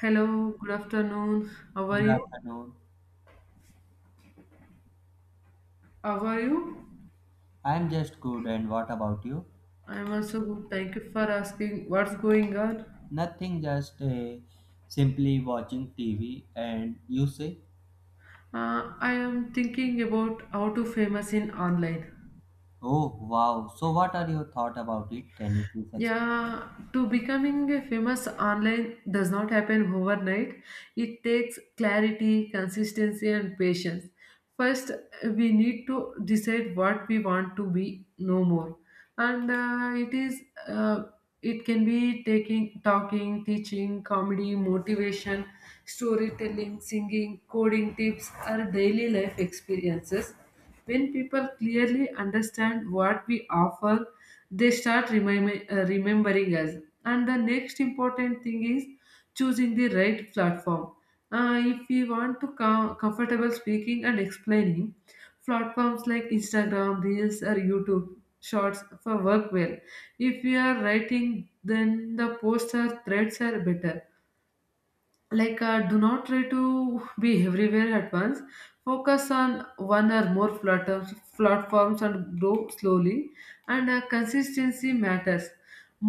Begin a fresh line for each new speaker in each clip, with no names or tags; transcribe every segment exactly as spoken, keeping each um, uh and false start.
Hello, good afternoon. How are
Good
you?
afternoon.
How are you?
I'm just good, and what about you?
I'm also good. Thank you for asking what's going on.
Nothing, just uh, simply watching T V. And you say,
Uh, I am thinking about how to famous in online.
oh wow, so what are your thoughts about it? Can you please explain?
Yeah, to becoming a famous online does not happen overnight. It takes clarity, consistency, and patience. First, we need to decide what we want to be, no more. And uh, it is, uh, it can be taking, talking, teaching, comedy, motivation, storytelling, singing, coding tips, or daily life experiences. When people clearly understand what we offer, they start remem- uh, remembering us. And the next important thing is choosing the right platform. Uh, if we want to com- comfortable speaking and explaining, platforms like Instagram, Reels, or YouTube Shorts for work well. If we are writing, then the posts or threads are better like uh, do not try to be everywhere at once, focus on one or more platforms platforms and grow slowly. And uh, Consistency matters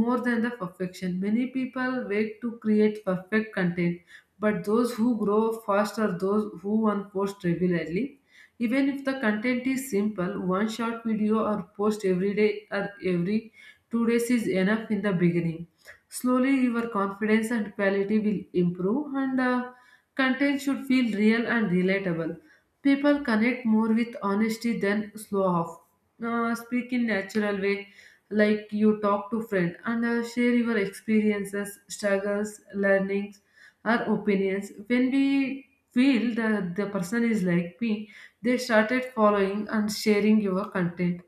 more than the perfection. Many people wait to create perfect content, but those who grow fast are those who unpost regularly. Even if the content is simple, one short video or post every day or every two days is enough in the beginning. Slowly, your confidence and quality will improve, and uh, content should feel real and relatable. People connect more with honesty than slow off. Uh, speak in natural way, like you talk to friend and uh, share your experiences, struggles, learnings, our opinions. When we feel that the person is like me, they started following and sharing your content.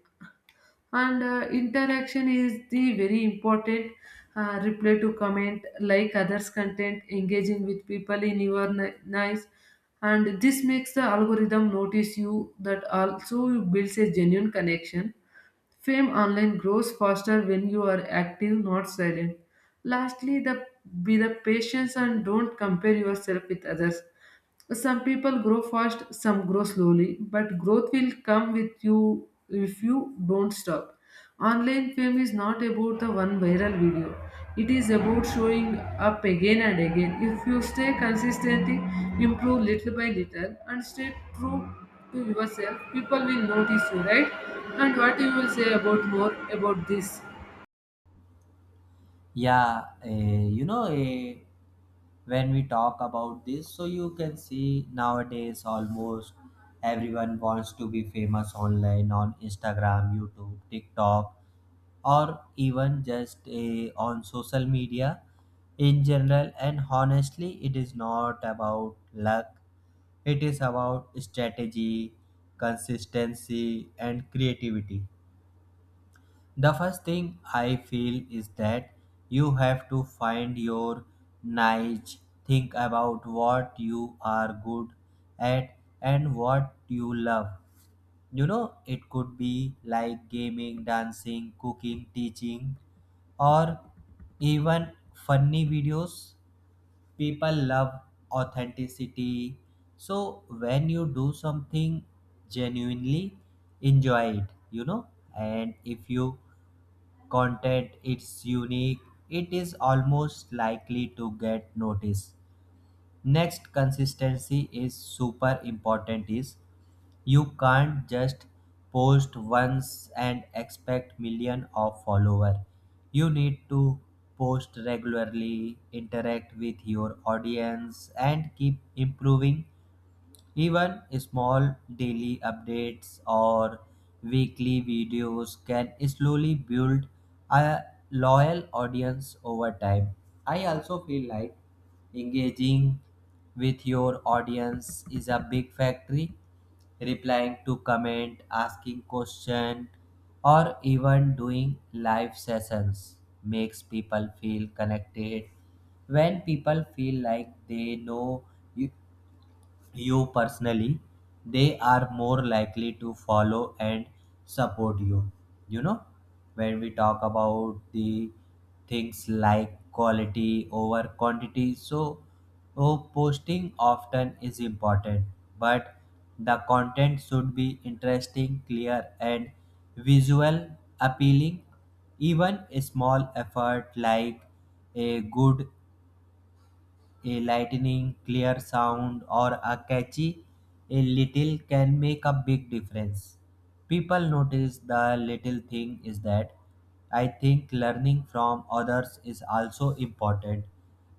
And uh, Interaction is the very important. Uh, reply to comment, like others content, engaging with people in your ni- nice, and this makes the algorithm notice you. That also builds a genuine connection. Fame online grows faster when you are active, not silent. Lastly, the, be the patience and don't compare yourself with others. Some people grow fast, some grow slowly, but growth will come with you if you don't stop. Online fame is not about the one viral video. It is about showing up again and again. If you stay consistently, improve little by little, and stay true to yourself, people will notice you, right? And what you will say about more about this?
Yeah, uh, you know, uh, when we talk about this, so you can see nowadays almost everyone wants to be famous online on Instagram, YouTube, TikTok, or even just eh, on social media in general, and honestly it is not about luck, it is about strategy, consistency, and creativity. The first thing I feel is that you have to find your niche. Think about what you are good at and what you love. You know, it could be like gaming, dancing, cooking, teaching, or even funny videos. People love authenticity. So, when you do something genuinely, enjoy it, you know, and if you content it's unique, it is almost likely to get noticed. Next, consistency is super important. Is you can't just post once and expect million of follower. You need to post regularly, interact with your audience, and keep improving. Even small daily updates or weekly videos can slowly build a loyal audience over time. I also feel like engaging with your audience is a big factory. Replying to comment, asking question, or even doing live sessions makes people feel connected. When people feel like they know you you personally, they are more likely to follow and support you. You know, when we talk about the things like quality over quantity, so oh, posting often is important, but the content should be interesting, clear, and visual appealing. Even a small effort like a good, a lightning clear sound, or a catchy a little can make a big difference. People notice the little thing. Is that I think learning from others is also important.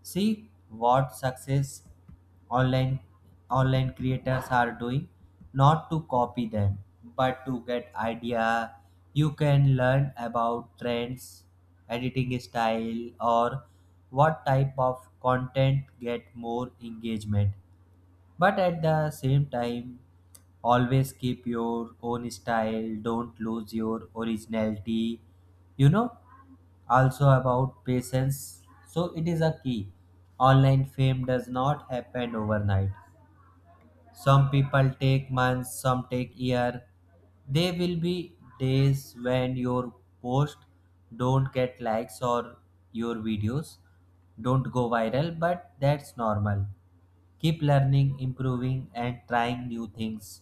See what success online online creators are doing, not to copy them but to get idea. You can learn about trends, editing style, or what type of content get more engagement, but at the same time always keep your own style. Don't lose your originality, you know. Also about patience, so it is a key. Online fame does not happen overnight. Some people take months, some take year. There will be days when your post don't get likes or your videos don't go viral, but that's normal. Keep learning, improving, and trying new things.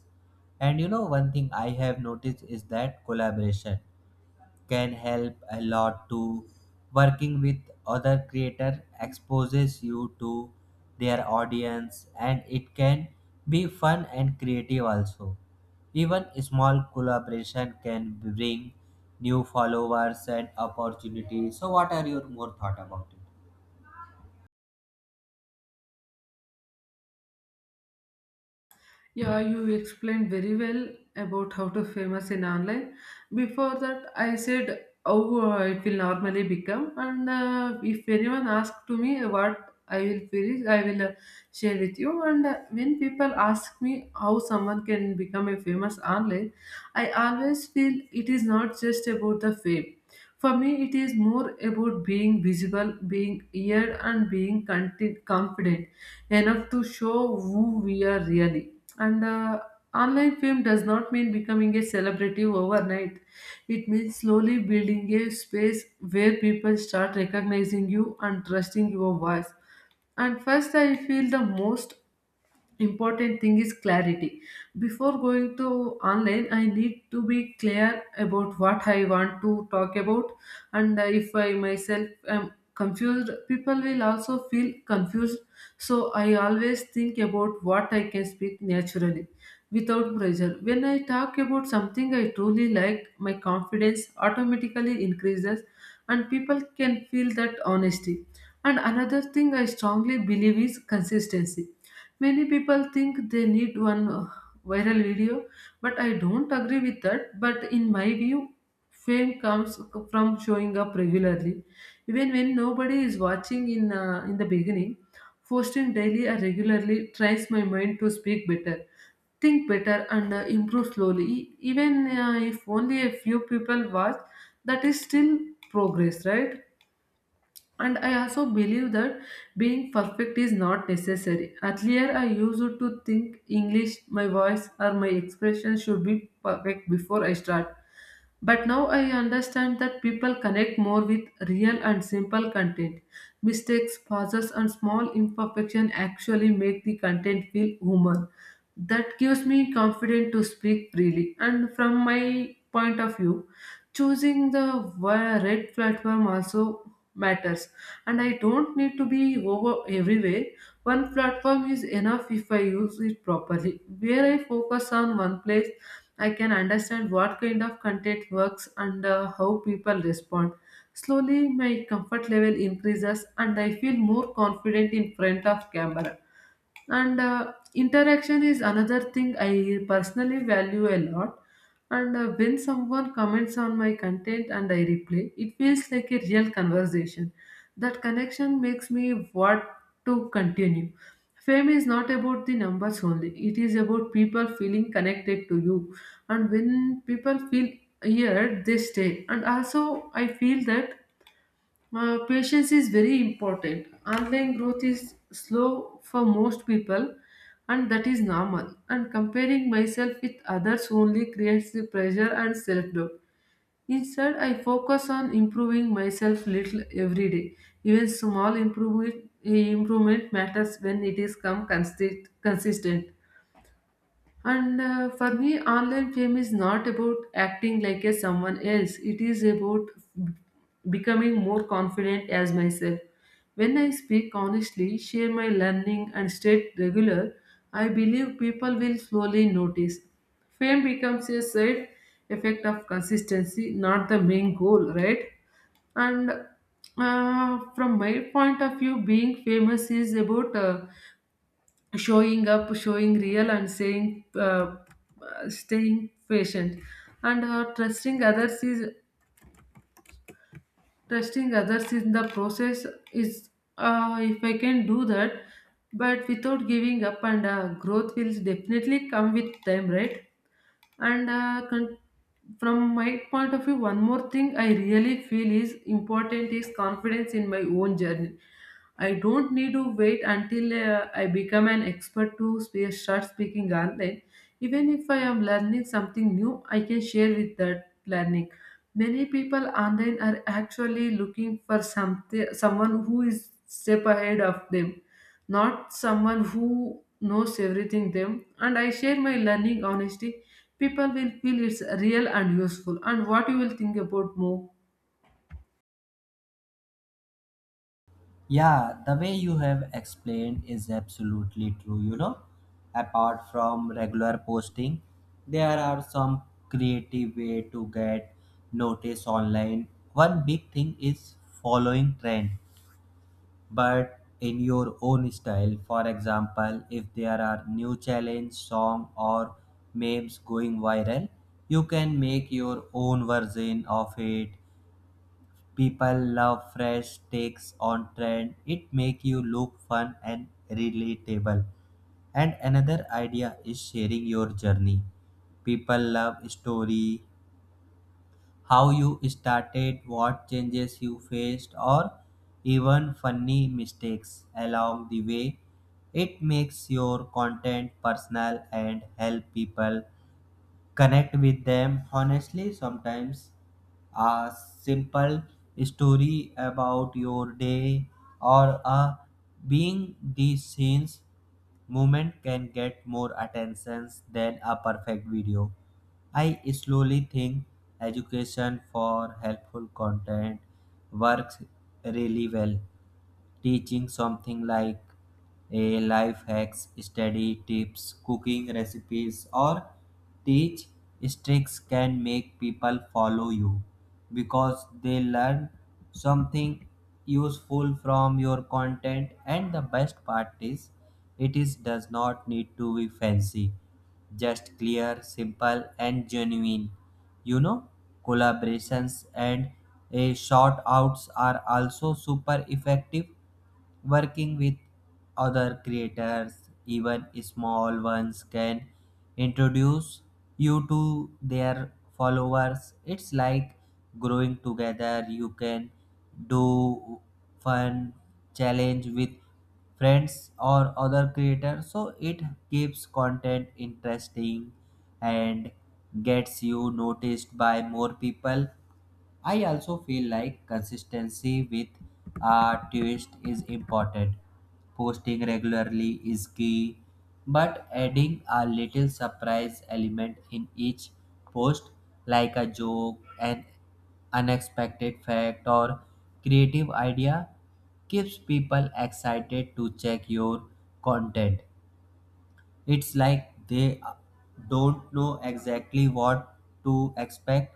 And you know, one thing I have noticed is that collaboration can help a lot too. Working with other creator exposes you to their audience, and it can be fun and creative also. Even small collaboration can bring new followers and opportunities. So what are your more thought about it?
Yeah, you explained very well about how to famous in online. Before that, I said how uh, it will normally become, and uh, if anyone asks to me what I will feel, I will uh, share with you. And uh, When people ask me how someone can become a famous online, I always feel it is not just about the fame. For me, it is more about being visible, being heard, and being conti- confident enough to show who we are really. And uh, online fame does not mean becoming a celebrity overnight. It means slowly building a space where people start recognizing you and trusting your voice. And first, I feel the most important thing is clarity. Before going to online, I need to be clear about what I want to talk about, and uh, if I myself am confused, people will also feel confused. So I always think about what I can speak naturally without pressure. When I talk about something I truly like, my confidence automatically increases and people can feel that honesty. And another thing I strongly believe is consistency. Many people think they need one uh, viral video, but I don't agree with that. But in my view, fame comes from showing up regularly. Even when nobody is watching in, uh, in the beginning, posting daily or regularly tries my mind to speak better, think better, and uh, improve slowly. E- even uh, if only a few people watch, that is still progress, right? And I also believe that being perfect is not necessary. Earlier, I used to think English, my voice, or my expression should be perfect before I start. But now I understand that people connect more with real and simple content. Mistakes, pauses, and small imperfection actually make the content feel human. That gives me confidence to speak freely. And from my point of view, choosing the wi- right platform also matters. And I don't need to be over everywhere. One platform is enough if I use it properly. Where I focus on one place, I can understand what kind of content works and uh, how people respond. Slowly, my comfort level increases and I feel more confident in front of camera. And uh, Interaction is another thing I personally value a lot. And uh, When someone comments on my content and I reply, it feels like a real conversation. That connection makes me want to continue. Fame is not about the numbers only. It is about people feeling connected to you, and when people feel here, they stay. And also I feel that uh, patience is very important. Online growth is slow for most people, and that is normal. And comparing myself with others only creates the pressure and self doubt. Instead, I focus on improving myself little every day. Even small improvement, improvement matters when it is come consist- consistent. And uh, For me, online fame is not about acting like a someone else. It is about b- becoming more confident as myself. When I speak honestly, share my learning, and stay regular, I believe people will slowly notice. Fame becomes a side effect of consistency, not the main goal, right? And uh, from my point of view, being famous is about uh, showing up, showing real, and saying, uh, uh, staying patient, and uh, trusting others is trusting others in the process is uh, if I can do that, but without giving up, and uh, growth will definitely come with time, right? and uh, con- from my point of view, one more thing I really feel is important is confidence in my own journey. I don't need to wait until uh, I become an expert to spe- start speaking online. Even if I am learning something new, I can share with that learning. Many people online are actually looking for something someone who is step ahead of them, not someone who knows everything them. And I share my learning honesty, people will feel it's real and useful. And what you will think about more?
Yeah, the way you have explained is absolutely true. You know, apart from regular posting, there are some creative way to get notice online. One big thing is following trend, but in your own style. For example, if there are new challenge song or memes going viral, you can make your own version of it. People love fresh takes on trend. It make you look fun and relatable. And another idea is sharing your journey. People love story, how you started, what changes you faced, or even funny mistakes along the way. It makes your content personal and help people connect with them honestly. Sometimes a simple story about your day or a being these scenes moment can get more attention than a perfect video. I slowly think education for helpful content works really well. Teaching something like a life hacks, study tips, cooking recipes, or teach tricks can make people follow you because they learn something useful from your content, and the best part is it is does not need to be fancy, just clear, simple, and genuine. You know, collaborations and a shout outs are also super effective. Working with other creators, even small ones, can introduce you to their followers. It's like growing together. You can do fun challenge with friends or other creators, so it keeps content interesting and gets you noticed by more people. I also feel like consistency with a twist is important. Posting regularly is key, but adding a little surprise element in each post, like a joke, an unexpected fact, or creative idea, keeps people excited to check your content. It's like they don't know exactly what to expect,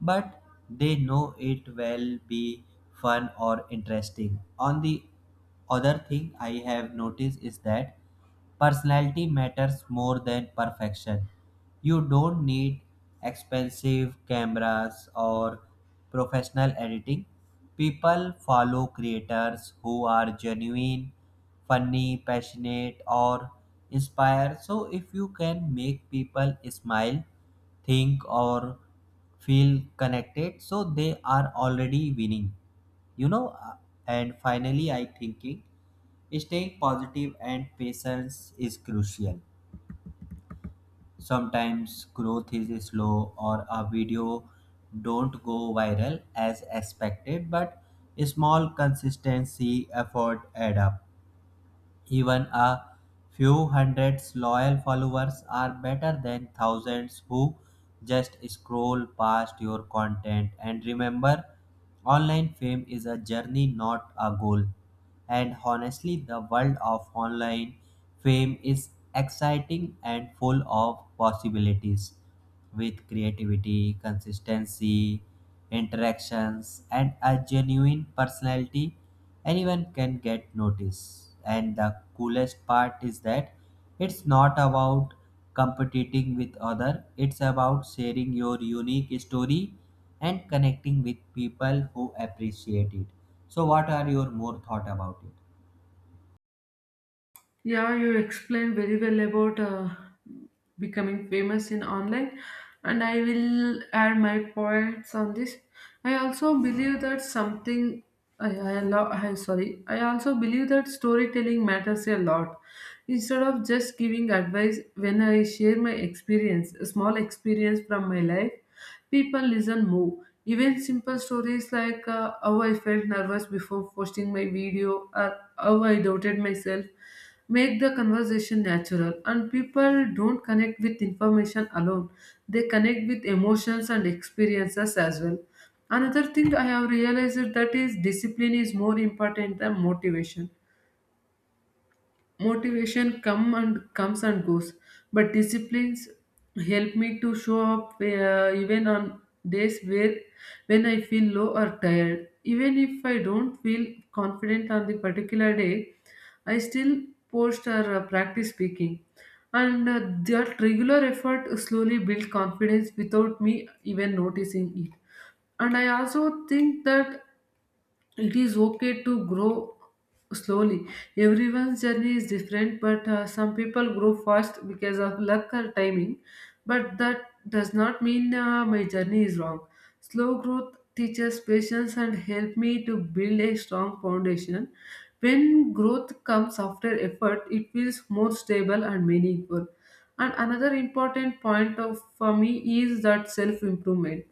but they know it will be fun or interesting. On the other thing I have noticed is that personality matters more than perfection. You don't need expensive cameras or professional editing. People follow creators who are genuine, funny, passionate, or inspire. So, if you can make people smile, think, or feel connected, so they are already winning. You know, Uh, and finally, I thinking staying positive and patience is crucial. Sometimes growth is slow or a video don't go viral as expected, but small consistency effort add up. Even a few hundreds loyal followers are better than thousands who just scroll past your content. And remember, online fame is a journey, not a goal. And honestly, the world of online fame is exciting and full of possibilities. With creativity, consistency, interactions, and a genuine personality, anyone can get noticed. And the coolest part is that it's not about competing with other, it's about sharing your unique story and connecting with people who appreciate it. So what are your more thought about it?
Yeah, you explained very well about uh, becoming famous in online, and I will add my points on this. I also believe that something I, I love. I sorry. I also believe that storytelling matters a lot. Instead of just giving advice, when I share my experience, a small experience from my life, people listen more. Even simple stories like uh, how I felt nervous before posting my video or how I doubted myself make the conversation natural. And people don't connect with information alone, they connect with emotions and experiences as well. Another thing I have realized that is discipline is more important than motivation. Motivation come and comes and goes, but disciplines help me to show up uh, even on days where when I feel low or tired. Even if I don't feel confident on the particular day, I still post or uh, practice speaking, and uh, that regular effort slowly build confidence without me even noticing it. And I also think that it is okay to grow slowly. Everyone's journey is different, but uh, some people grow fast because of luck or timing, but that does not mean uh, my journey is wrong. Slow growth teaches patience and help me to build a strong foundation. When growth comes after effort, it feels more stable and meaningful. And another important point of for me is that self improvement.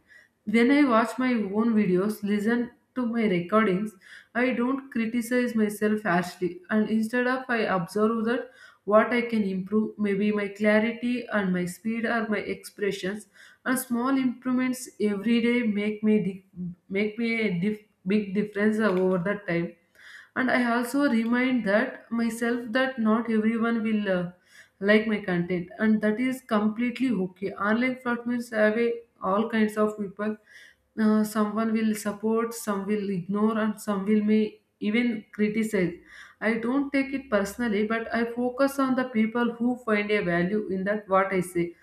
When I watch my own videos, listen to my recordings, I don't criticize myself harshly, and instead of I observe that what I can improve, maybe my clarity and my speed or my expressions. And small improvements every day make me dif- make me a dif- big difference over the time. And I also remind that myself that not everyone will uh, like my content, and that is completely okay. Online platforms have a, all kinds of people. Uh, someone will support, some will ignore, and some will may even criticize. I don't take it personally, but I focus on the people who find a value in that what I say.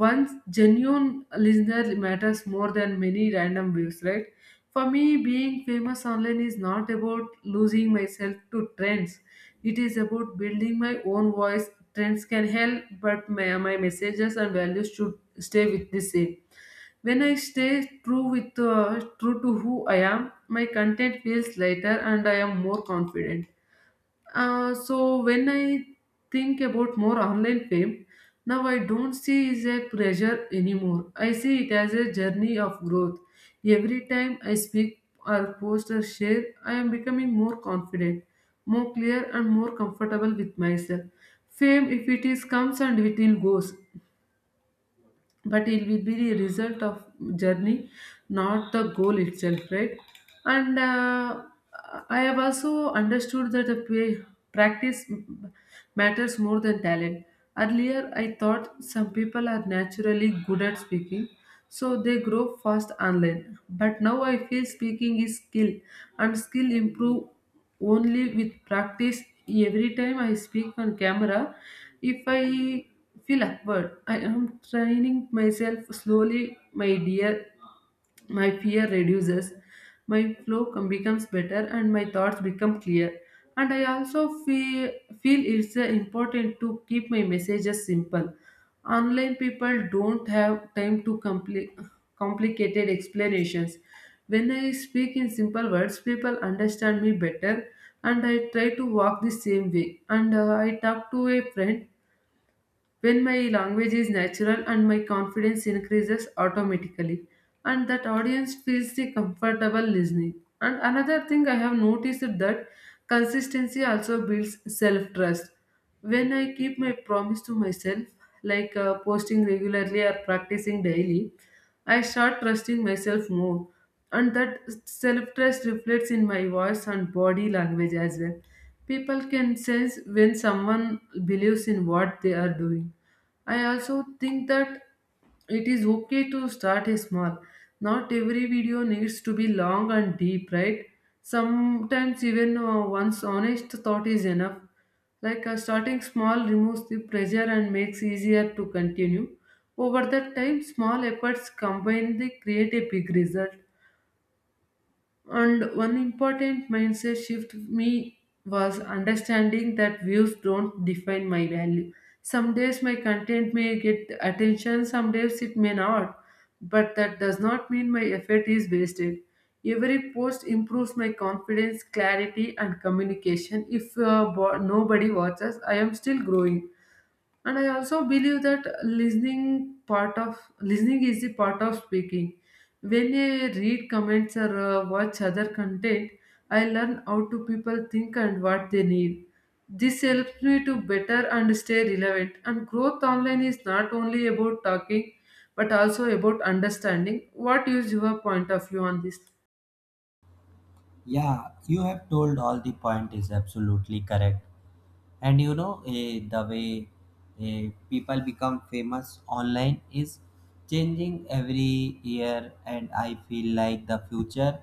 Once genuine listener matters more than many random views, right? For me, being famous online is not about losing myself to trends. It is about building my own voice. Trends can help, but my, my messages and values should stay with the same. When I stay true with uh, true to who I am, my content feels lighter and I am more confident. Uh, so when I think about more online fame, now I don't see it as a pressure anymore. I see it as a journey of growth. Every time I speak or post or share, I am becoming more confident, more clear, and more comfortable with myself. Fame, if it is, comes and it will goes, but it will be the result of journey, not the goal itself, right? And uh, I have also understood that the pra- practice m- matters more than talent. Earlier I thought some people are naturally good at speaking, so they grow fast online. But now I feel speaking is skill, and skill improve only with practice. Every time I speak on camera, if I feel awkward, I am training myself slowly. my dear my fear reduces, my flow com- becomes better, and my thoughts become clear. And I also feel, feel it's uh, important to keep my messages simple. Online people don't have time to compli- complicated explanations. When I speak in simple words, people understand me better. And I try to walk the same way, and uh, I talk to a friend. When my language is natural, and my confidence increases automatically. And that audience feels the comfortable listening. And another thing I have noticed, that consistency also builds self trust. When I keep my promise to myself, like uh, posting regularly or practicing daily, I start trusting myself more, and that self trust reflects in my voice and body language as well. People can sense when someone believes in what they are doing. I also think that it is okay to start small. Not every video needs to be long and deep, right? Sometimes even uh, one's honest thought is enough. Like uh, starting small removes the pressure and makes easier to continue. Over the time, small efforts combined they create a big result. And one important mindset shift me was understanding that views don't define my value. Some days my content may get attention, some days it may not. But that does not mean my effort is wasted. Every post improves my confidence, clarity, and communication. If uh, bo- nobody watches, I am still growing. And I also believe that listening, part of listening is the part of speaking. When I read comments or uh, watch other content, I learn how to people think and what they need. This helps me to better and stay relevant. And growth online is not only about talking, but also about understanding. What is your point of view on this?
Yeah, you have told all the point is absolutely correct. And you know, eh, the way eh, people become famous online is changing every year, and I feel like the future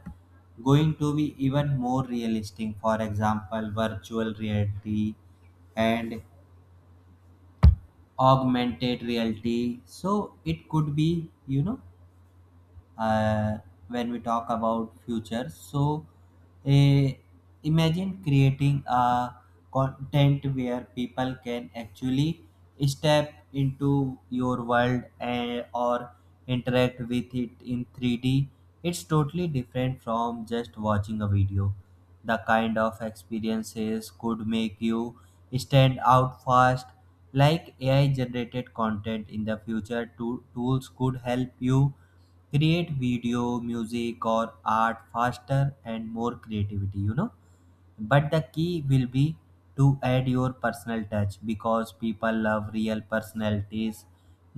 going to be even more realistic. For example, virtual reality and augmented reality. So it could be, you know, uh, when we talk about future, so a, imagine creating a content where people can actually step into your world and, or interact with it in three D. It's totally different from just watching a video. The kind of experiences could make you stand out fast. Like AI generated content in the future to, tools could help you create video, music, or art faster and more creativity, you know. But the key will be to add your personal touch, because people love real personalities,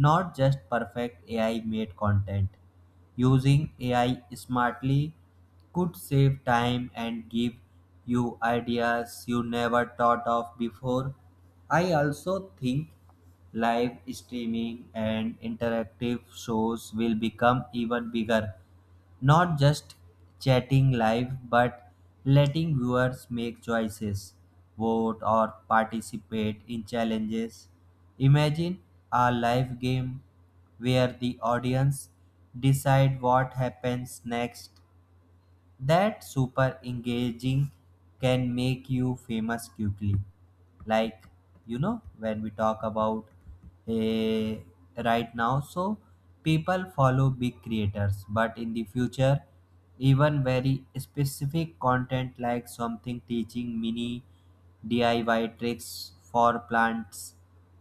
not just perfect AI made content. Using AI smartly could save time and give you ideas you never thought of before. I also think live streaming and interactive shows will become even bigger. Not just chatting live, but letting viewers make choices, vote, or participate in challenges. Imagine a live game where the audience decide what happens next. That super engaging can make you famous quickly. Like, you know, when we talk about a right now, so people follow big creators, but in the future even very specific content like something teaching mini DIY tricks for plants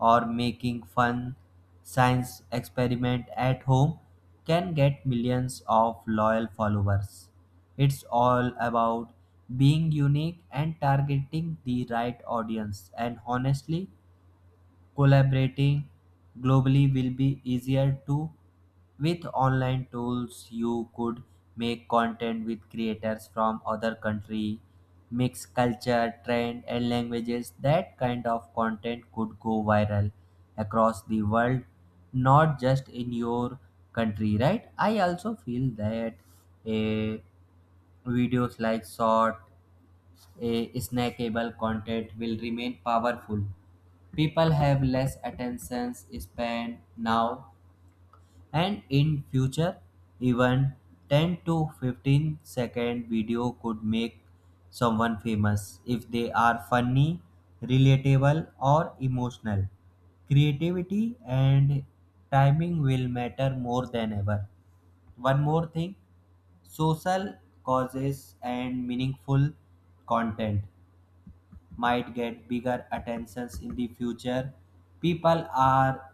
or making fun science experiment at home can get millions of loyal followers. It's all about being unique and targeting the right audience. And honestly, collaborating globally will be easier too. With online tools, you could make content with creators from other country, mix culture, trend, and languages. That kind of content could go viral across the world, not just in your country, right? I also feel that a videos like short, a snackable content will remain powerful. People have less attention span now, and in future even ten to fifteen second video could make someone famous if they are funny, relatable, or emotional. Creativity and timing will matter more than ever. One more thing, social causes and meaningful content might get bigger attentions in the future. People are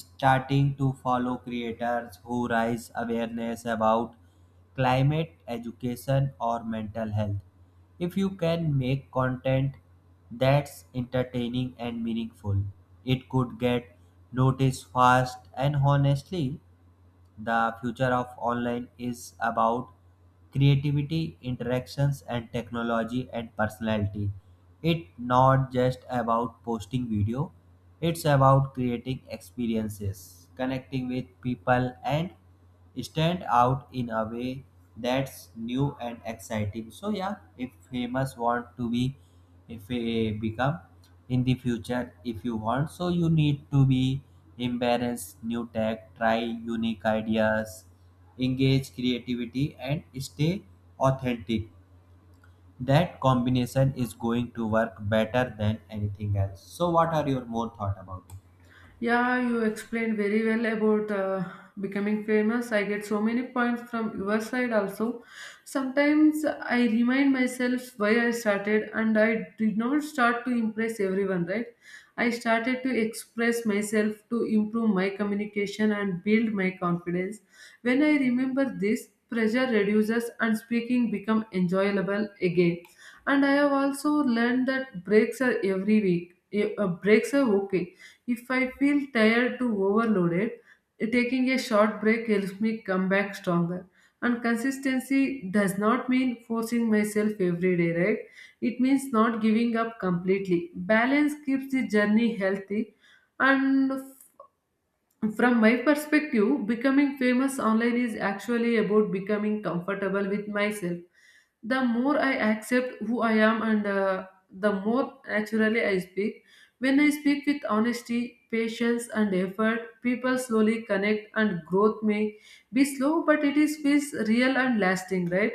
starting to follow creators who raise awareness about climate education or mental health. If you can make content that's entertaining and meaningful, it could get noticed fast, and honestly, the future of online is about creativity, interactions, and technology and personality. It's not just about posting video, it's about creating experiences, connecting with people, and stand out in a way that's new and exciting. So yeah, if famous want to be, if eh, become in the future if you want, so you need to be embarrass new tech, try unique ideas, engage creativity, and stay authentic. That combination is going to work better than anything else. So what are your more thought about it?
Yeah, you explained very well about uh, becoming famous. I get so many points from your side also. Sometimes I remind myself why I started, and I did not start to impress everyone, right? I started to express myself to improve my communication and build my confidence. When I remember this, pressure reduces and speaking become enjoyable again. And I have also learned that breaks are every week. Eh, uh, breaks are okay. If I feel tired to overloaded, taking a short break helps me come back stronger. And consistency does not mean forcing myself every day, right? It means not giving up completely. Balance keeps the journey healthy. And from my perspective, becoming famous online is actually about becoming comfortable with myself. The more I accept who I am, and uh, the more naturally I speak. When I speak with honesty, patience, and effort, people slowly connect, and growth may be slow, but it is feels real and lasting, right?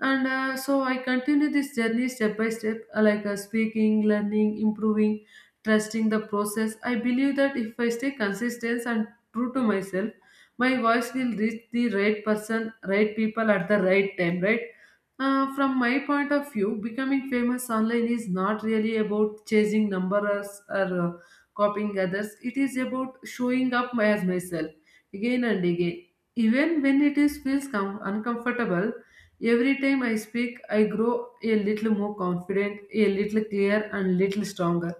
And uh, so I continue this journey step by step, uh, like uh, speaking, learning, improving, trusting the process. I believe that if I stay consistent and true to myself, my voice will reach the right person, right people at the right time, right? Uh, from my point of view, becoming famous online is not really about chasing numbers or uh, copying others. It is about showing up as myself again and again. Even when it is feels com- uncomfortable, every time I speak, I grow a little more confident, a little clear, and little stronger.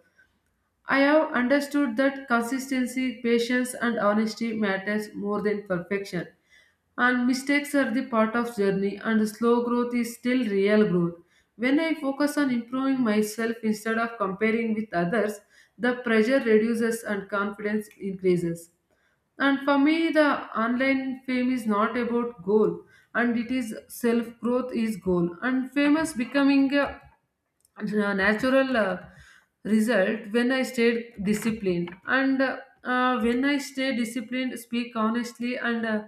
I have understood that consistency, patience, and honesty matters more than perfection. And mistakes are the part of journey, and slow growth is still real growth. When I focus on improving myself instead of comparing with others, the pressure reduces and confidence increases. And for me, the online fame is not about goal, and it is self growth is goal. And famous becoming a a natural uh, result when I stayed disciplined. And uh, uh, when I stay disciplined, speak honestly, and uh,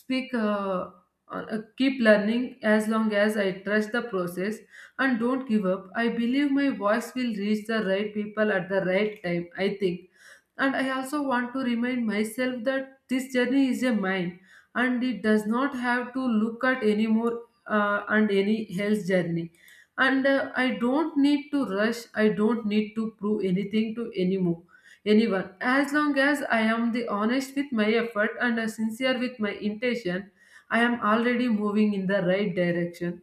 speak. Uh, uh, keep learning, as long as I trust the process and don't give up. I believe my voice will reach the right people at the right time, I think. And I also want to remind myself that this journey is a mine, and it does not have to look at any more, uh, and any health journey. And uh, I don't need to rush, I don't need to prove anything to anymore anyone. As long as I am the honest with my effort and uh, sincere with my intention, I am already moving in the right direction.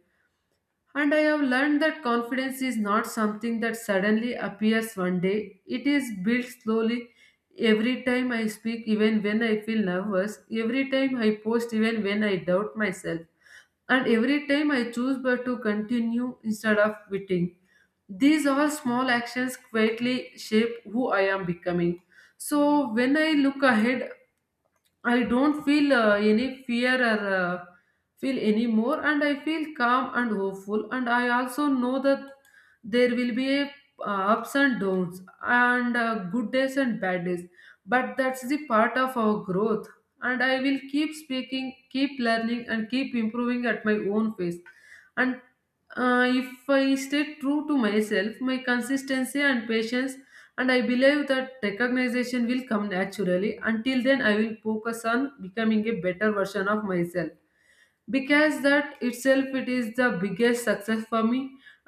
And I have learned that confidence is not something that suddenly appears one day. It is built slowly every time I speak, even when I feel nervous, every time I post, even when I doubt myself, and every time I choose but to continue instead of quitting. These all small actions quietly shape who I am becoming. So when I look ahead, I don't feel uh, any fear or uh, feel anymore, and I feel calm and hopeful. And I also know that there will be a, uh, ups and downs, and uh, good days and bad days. But that's the part of our growth. And I will keep speaking, keep learning, and keep improving at my own pace. And uh, if I stay true to myself, my consistency and patience, and I believe that recognition will come naturally. Until then, I will focus on becoming a better version of myself, because that itself it is the biggest success for me.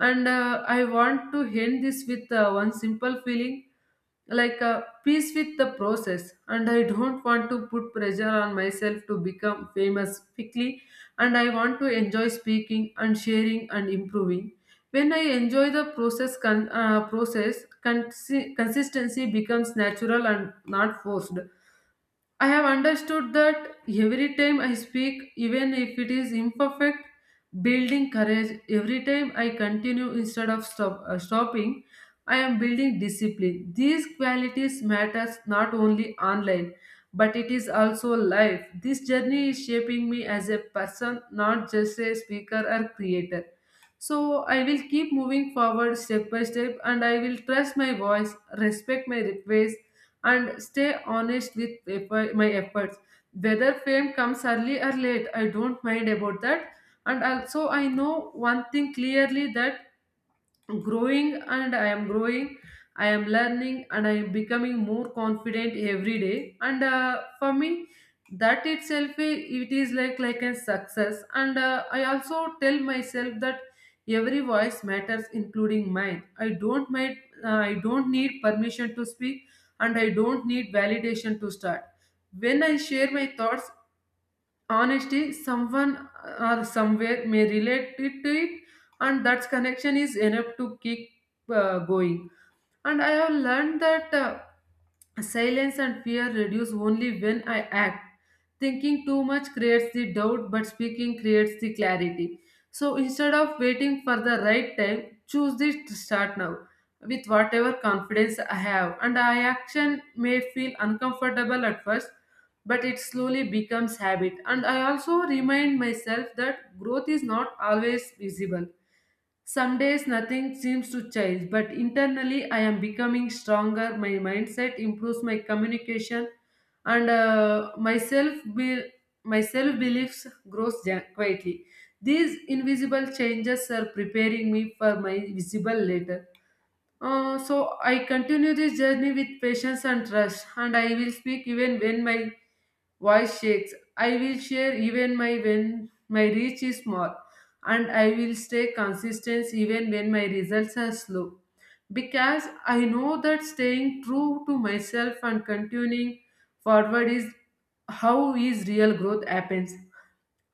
And uh, I want to end this with uh, one simple feeling, like uh, peace with the process. And I don't want to put pressure on myself to become famous quickly, and I want to enjoy speaking and sharing and improving. When I enjoy the process con- uh, process consi- consistency becomes natural and not forced. I have understood that every time I speak, even if it is imperfect, building courage, every time I continue instead of stop, uh, stopping, I am building discipline. These qualities matters not only online, but it is also life. This journey is shaping me as a person, not just a speaker or creator. So I will keep moving forward step by step, and I will trust my voice, respect my request, and stay honest with effort- my efforts. Whether fame comes early or late, I don't mind about that. And also, I know one thing clearly, that growing and I am growing, I am learning, and I am becoming more confident every day. And uh, for me, that itself i- it is like like a success. And uh, I also tell myself that every voice matters, including mine. i don't might uh, I don't need permission to speak, and I don't need validation to start. When I share my thoughts, honesty, someone or somewhere may relate it to it, and that connection is enough to keep uh, going. And I have learned that. Uh, Silence and fear reduce only when I act. Thinking too much creates the doubt, but speaking creates the clarity. So instead of waiting for the right time, choose this to start now with whatever confidence I have. And I action may feel uncomfortable at first, but it slowly becomes habit. And I also remind myself that growth is not always visible. Some days nothing seems to change, but internally I am becoming stronger. My mindset improves my communication, and uh, myself be- my self beliefs grows ja- quietly. These invisible changes are preparing me for my visible later. Uh, so I continue this journey with patience and trust, and I will speak even when my voice shakes. I will share even my when my reach is small, and I will stay consistent even when my results are slow. Because I know that staying true to myself and continuing forward is how is real growth happens.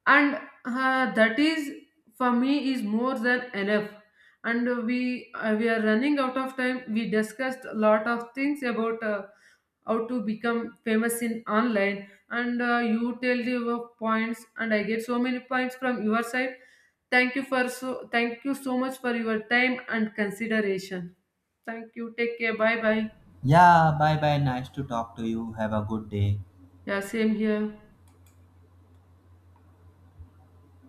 And uh, that is for me is more than enough. And we uh, we are running out of time. We discussed a lot of things about uh, how to become famous in online, and uh, you tell your points, and I get so many points from your side. Thank you for so thank you so much for your time and consideration. Thank you, take care, bye bye.
Yeah, bye bye, nice to talk to you, have a good day.
Yeah, same here.